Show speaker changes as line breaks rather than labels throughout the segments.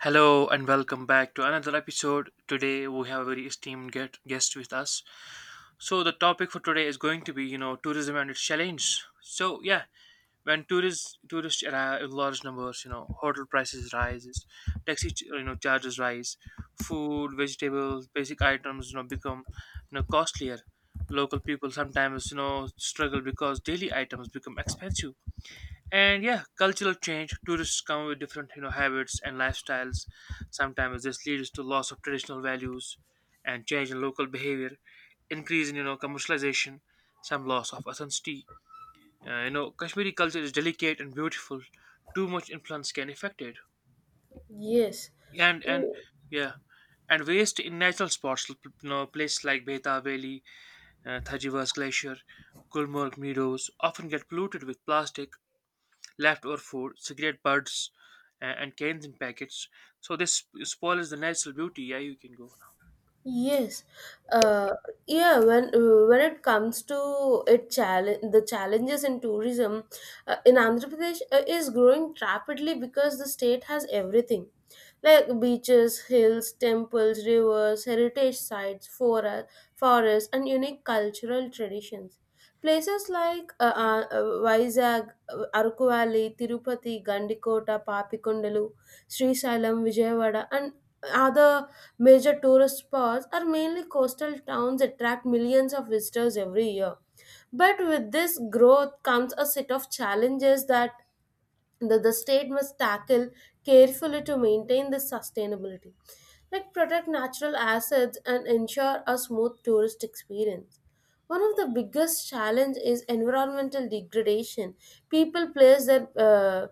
Hello and welcome back to another episode. Today we have a very esteemed guest with us. So the topic for today is going to be, tourism and its challenge. So yeah, when tourists arrive in large numbers, you know, hotel prices rises, taxi charges rise, food, vegetables, basic items, become costlier. Local people sometimes struggle because daily items become expensive, and yeah, cultural change, tourists come with different habits and lifestyles. Sometimes this leads to loss of traditional values and change in local behavior, increase in commercialization, some loss of authenticity. Kashmiri culture is delicate and beautiful, too much influence can affect it.
Yes.
And
Mm,
Yeah. And waste in natural spots, places like Beta Valley, Thajiwa's Glacier, Gulmarg Meadows often get polluted with plastic, leftover food, cigarette butts, and cans in packets. So this spoils the natural beauty. Yeah, you can go now.
yes. Uh, yeah. When it comes to it, challenge the challenges in tourism in Andhra Pradesh is growing rapidly because the state has everything, like beaches, hills, temples, rivers, heritage sites, fora, forests, and unique cultural traditions. Places like Vizag, Aruku Valley, Tirupati, Gandikota, Papikondalu, Srisalam, Vijayawada, and other major tourist spots are mainly coastal towns attract millions of visitors every year. But with this growth comes a set of challenges that the state must tackle carefully to maintain this sustainability, like protect natural assets and ensure a smooth tourist experience. One of the biggest challenge is environmental degradation. People place their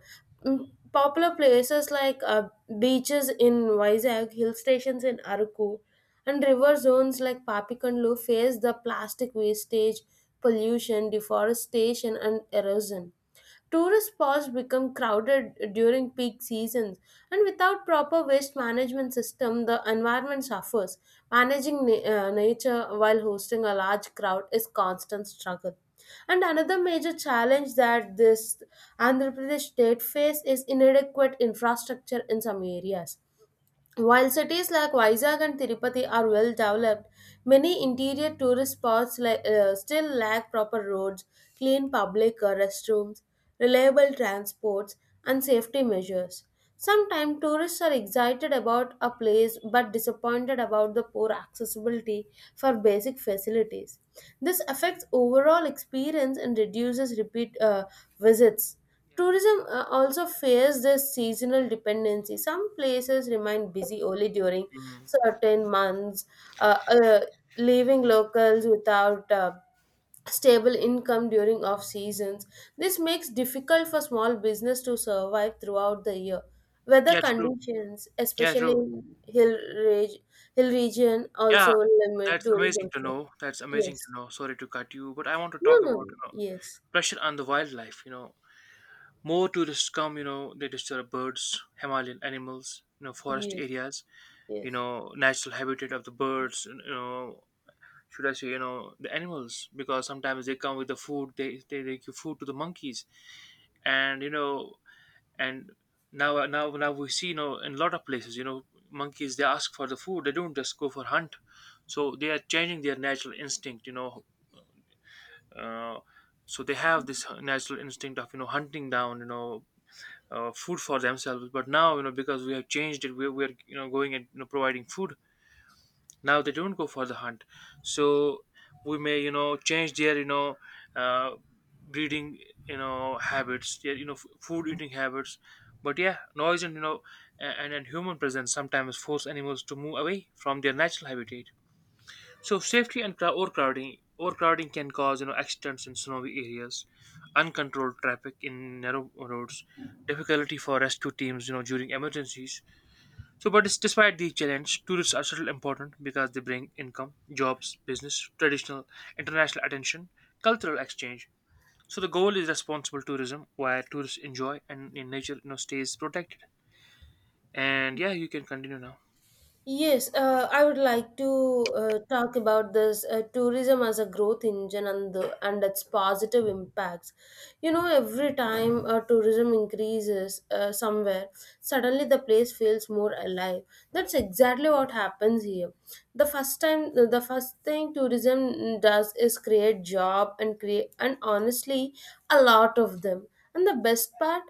popular places like beaches in Vizag, hill stations in Araku, and river zones like Papikandlu face the plastic wastage, pollution, deforestation, and erosion. Tourist spots become crowded during peak seasons, and without proper waste management system, the environment suffers. Managing nature while hosting a large crowd is constant struggle. And another major challenge that this Andhra Pradesh state face is inadequate infrastructure in some areas. While cities like Vizag and Tirupati are well developed, many interior tourist spots still lack proper roads, clean public restrooms, reliable transports, and safety measures. Sometimes tourists are excited about a place but disappointed about the poor accessibility for basic facilities. This affects overall experience and reduces repeat visits.
Yeah, true.
Tourism also fares this seasonal dependency. Some places remain busy only during
Mm.
certain months, uh, uh, leaving locals without stable income during off seasons. This makes difficult for small business to survive throughout the year. Weather
Yeah, true.
conditions,
Yeah,
especially
true.
in reg- hill region,
Yeah,
also limit
that's amazing
tourism
to
flow.
know. That's amazing to
Yes.
know. Sorry to cut you, but I want to
No.
talk about,
No.
you know,
Yes.
pressure on the wildlife. You know, more tourists come. You know, they disturb birds, Himalayan animals. You know, forest
Yes.
areas. You
Yes.
know, natural habitat of the birds. You know, should I say, you know, the animals, because sometimes they come with the food, they give food to the monkeys, and you know, and now we see, you know, in a lot of places, you know, monkeys, they ask for the food, they don't just go for hunt, so they are changing their natural instinct, you know. uh, so they have this natural instinct of hunting down, you know. Food for themselves, but now, you know, because we have changed it, we are, you know, going and, you know, providing food, now they don't go for the hunt. So we may, you know, change their, you know, uh, breeding, you know, habits, their, you know, food eating habits. But yeah, noise and, you know, and human presence sometimes force animals to move away from their natural habitat. So safety and overcrowding can cause, you know, accidents in snowy areas, uncontrolled traffic in narrow roads, difficulty for rescue teams, you know, during emergencies. Despite these challenges, tourists are still important because they bring income, jobs, business, traditional, international attention, cultural exchange. So the goal is responsible tourism, where tourists enjoy and in nature, you know, stays protected. And yeah, you can continue now.
Yes, I would like to talk about this tourism as a growth engine and its positive impacts. You know, every time tourism increases somewhere, suddenly the place feels more alive. That's exactly what happens here. The first thing tourism does is create job and create, and honestly a lot of them. And the best part,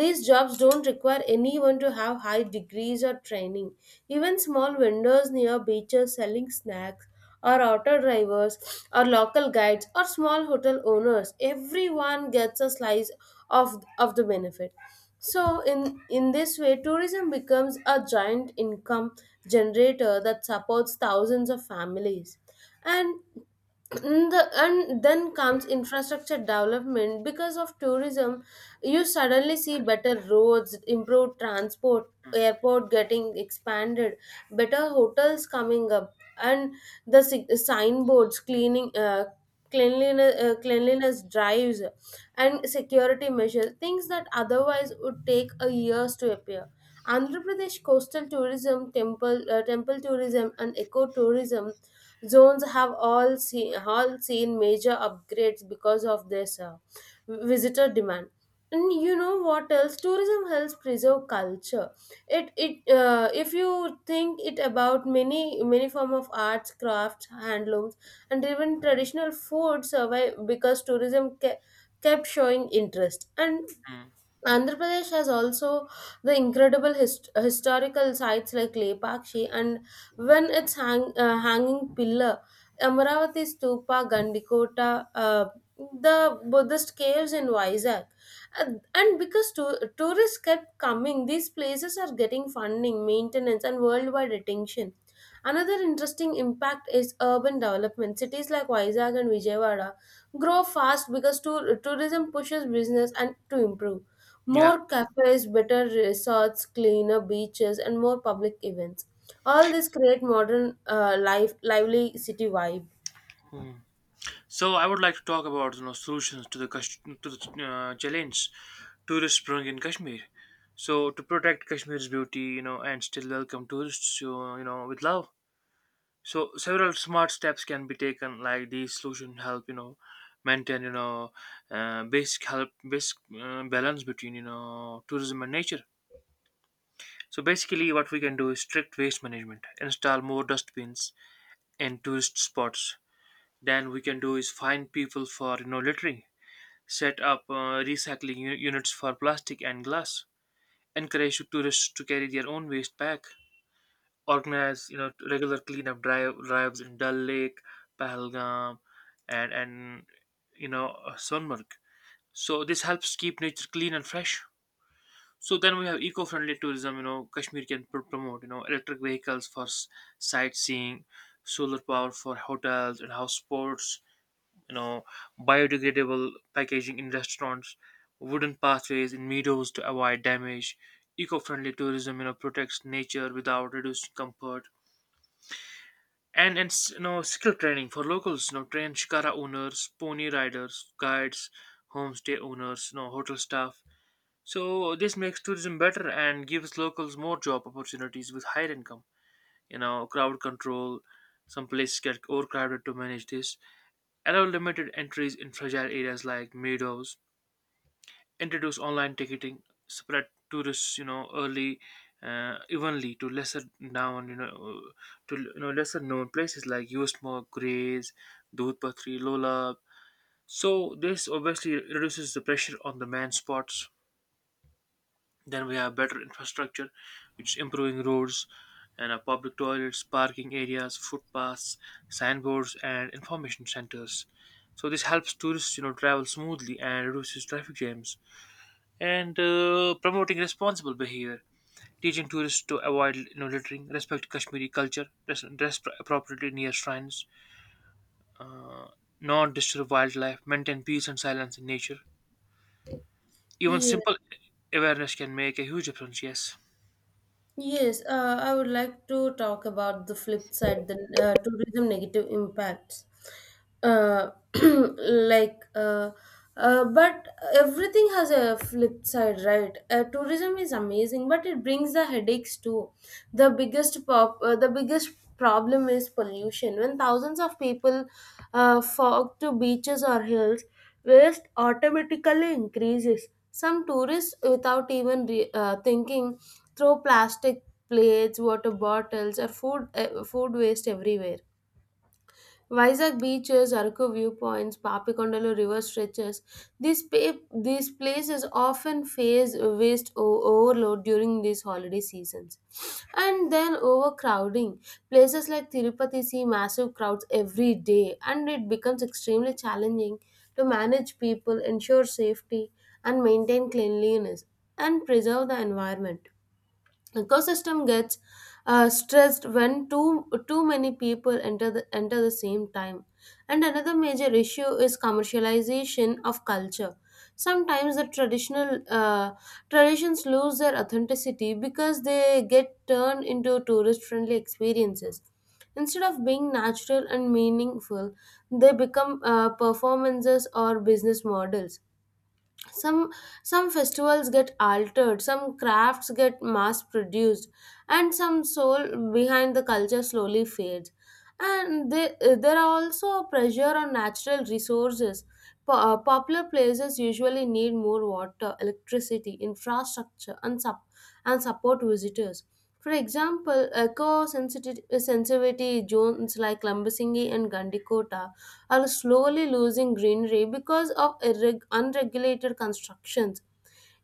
these jobs don't require anyone to have high degrees or training. Even small vendors near beaches selling snacks, or auto drivers, or local guides, or small hotel owners, everyone gets a slice of the benefit. So, in this way, tourism becomes a giant income generator that supports thousands of families. And and then comes infrastructure development. Because of tourism you suddenly see better roads, improved transport,
Mm.
airport getting expanded, better hotels coming up, and the signboards, cleaning, cleanliness drives, and security measures, things that otherwise would take a years to appear. Andhra Pradesh coastal tourism, temple temple tourism, and ecotourism zones have all seen major upgrades because of this visitor demand. And you know what else? Tourism helps preserve culture. It If you think it about many form of arts, crafts, handlooms, and even traditional food survive because tourism kept showing interest. And
Mm.
Andhra Pradesh has also the incredible historical sites like Lepakshi and when its hanging pillar, Amaravati Stupa, Gandikota, the Buddhist caves in Vizag. And because tourists kept coming, these places are getting funding, maintenance, and worldwide attention. Another interesting impact is urban development. Cities like Vizag and Vijayawada grow fast because tourism pushes business and to improve.
Yeah.
More cafes, better resorts, cleaner beaches, and more public events. All this create modern lively city vibe.
Mm. So I would like to talk about, you know, solutions to the to the challenge tourists bring in Kashmir. So to protect Kashmir's beauty, you know, and still welcome tourists, you know, with love. So several smart steps can be taken. Like these solution help, you know, maintain, you know, basic, balance between, you know, tourism and nature. So basically what we can do is strict waste management, install more dustbins in tourist spots. Then we can do is fine people for, you know, littering, set up, recycling units for plastic and glass, encourage tourists to carry their own waste back, organize, you know, regular cleanup drives in Dal Lake, Pahalgam, and you know, Sonmarg. So this helps keep nature clean and fresh. So then we have eco-friendly tourism. You know, Kashmir can promote, you know, electric vehicles for sightseeing, solar power for hotels and house sports. You know, biodegradable packaging in restaurants, wooden pathways in meadows to avoid damage. Eco-friendly tourism, you know, protects nature without reducing comfort. You know, skill training for locals, you know, train shikara owners, pony riders, guides, homestay owners, you know, hotel staff. So this makes tourism better and gives locals more job opportunities with higher income. You know, crowd control. Some places get overcrowded to manage this. Allow limited entries in fragile areas like meadows, introduce online ticketing, spread tourists, you know, early, evenly to lesser known, you know, uh, lesser known places like Usemoor, Grays, Dudhpatri, Lolab. So this obviously reduces the pressure on the main spots. Then we have better infrastructure, which is improving roads and, public toilets, parking areas, footpaths, signboards, and information centers. So this helps tourists, you know, travel smoothly and reduces traffic jams, and, promoting responsible behavior, teaching tourists to avoid, you know, littering, respect Kashmiri culture, dress appropriately near shrines, not disturb wildlife, maintain peace and silence in nature. Even
Yes.
simple awareness can make a huge difference. Yes.
Yes, I would like to talk about the flip side, the tourism negative impacts. Uh, like, but everything has a flip side, right? Tourism is amazing, but it brings the headaches too. The biggest problem is pollution. When thousands of people fog to beaches or hills, waste automatically increases. Some tourists, without even thinking, throw plastic plates, water bottles, or food waste everywhere. Vizag beaches, Araku viewpoints, Papikondalu river stretches. These places often face waste overload during these holiday seasons, and then overcrowding. Places like Tirupati see massive crowds every day, and it becomes extremely challenging to manage people, ensure safety, and maintain cleanliness and preserve the environment. Ecosystem gets stressed when too many people enter the same time. And another major issue is commercialization of culture. Sometimes the traditional traditions lose their authenticity because they get turned into tourist friendly experiences instead of being natural and meaningful. They become performances or business models. Some some festivals get altered, some crafts get mass produced, and some soul behind the culture slowly fades. And there are also pressure on natural resources. Popular places usually need more water, electricity, infrastructure, and support visitors. For example, eco sensitivity zones like Lambasingi and Gandikota are slowly losing greenery because of unregulated constructions.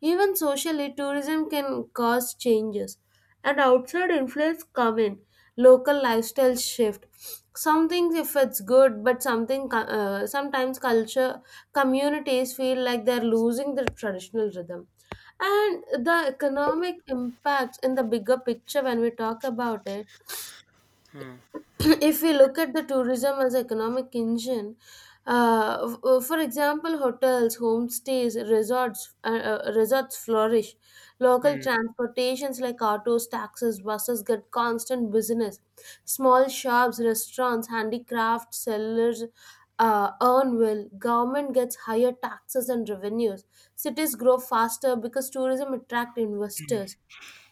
Even socially, tourism can cause changes, and outside influence come in. Local lifestyle shift. Some things, if it's good, but sometimes culture communities feel like they're losing their traditional rhythm. And the economic impacts in the bigger picture, when we talk about it,
Hmm.
if we look at the tourism as economic engine, for example, hotels, homestays, resorts, resorts flourish. Local
Hmm.
transportations like autos, taxis, buses get constant business. Small shops, restaurants, handicraft sellers earn well. Government gets higher taxes and revenues. Cities grow faster because tourism attract investors,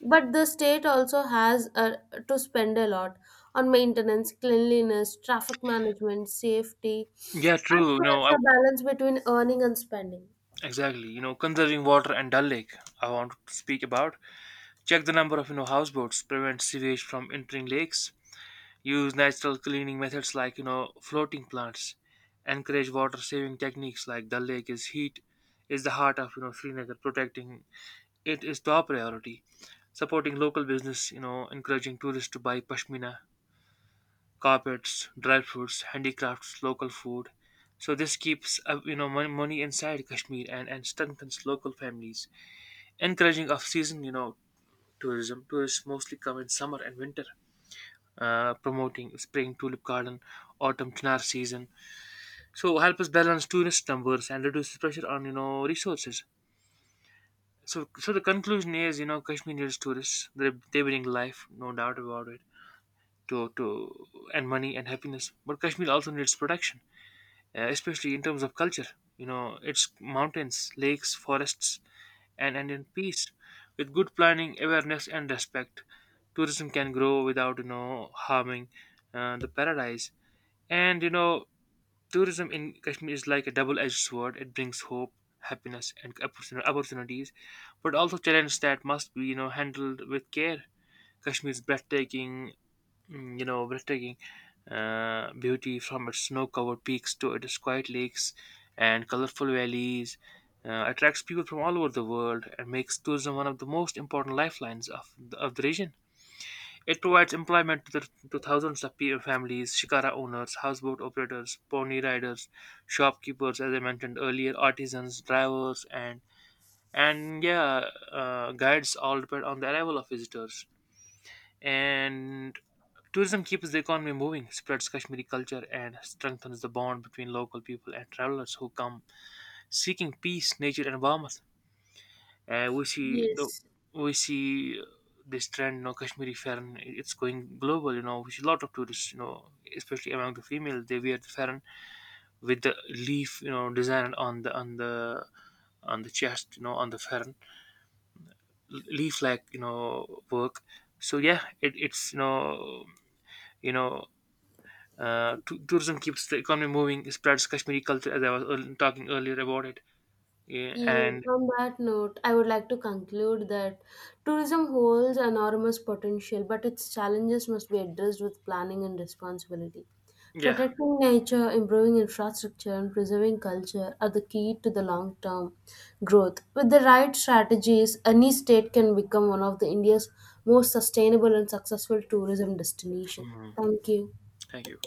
but the state also has to spend a lot on maintenance, cleanliness, traffic management, safety.
Yeah,
And
true. You
so
know,
it's
I,
a balance between earning and spending.
exactly. You know, conserving water and Dal Lake, I want to speak about. Check the number of, you know, houseboats. Prevent sewage from entering lakes, use natural cleaning methods like, you know, floating plants, encourage water saving techniques. Like the lake is heat is the heart of, you know, Srinagar. Protecting it is top priority. Supporting local business, you know, encouraging tourists to buy pashmina, carpets, dry fruits, handicrafts, local food. So this keeps, you know, money inside Kashmir and strengthens local families. Encouraging off season, you know, tourism, tourists mostly come in summer and winter. Promoting spring tulip garden, autumn chinar season. So help us balance tourist numbers and reduces pressure on, you know, resources. So the conclusion is, you know, Kashmir needs tourists. They bring life, no doubt about it. To and Money and happiness, but Kashmir also needs protection, especially in terms of culture. You know, its mountains, lakes, forests, and in peace. With good planning, awareness, and respect, tourism can grow without, you know, harming, the paradise. And you know, tourism in Kashmir is like a double-edged sword. It brings hope, happiness, and opportunities, but also challenges that must be, you know, handled with care. Kashmir's breathtaking, mm, you know, breathtaking beauty, from its snow-covered peaks to its quiet lakes and colorful valleys. Attracts people from all over the world and makes tourism one of the most important lifelines of the region. It provides employment to, the, to thousands of families, shikara owners, houseboat operators, pony riders, shopkeepers, as I mentioned earlier, artisans, drivers, and yeah, guides all depend on the arrival of visitors. And tourism keeps the economy moving, spreads Kashmiri culture, and strengthens the bond between local people and travelers who come seeking peace, nature, and warmth. We see the,
Yes.
we see, this trend, you know, Kashmiri Farn. It's going global, you know. We see a lot of tourists, you know, especially among the females. They wear the Farn with the leaf, you know, design on the chest, you know, on the fern, leaf like, you know, work. So yeah, it, it's, you know, tourism keeps the economy moving, it spreads Kashmiri culture, as I was talking earlier about it, yeah,
Yes,
and
on that note, I would like to conclude that tourism holds enormous potential, but its challenges must be addressed with planning and responsibility.
yeah.
Protecting nature, improving infrastructure, and preserving culture are the key to the long term growth. With the right strategies, any state can become one of the India's most sustainable and successful tourism destination.
Mhm.
Thank you.
Thank you.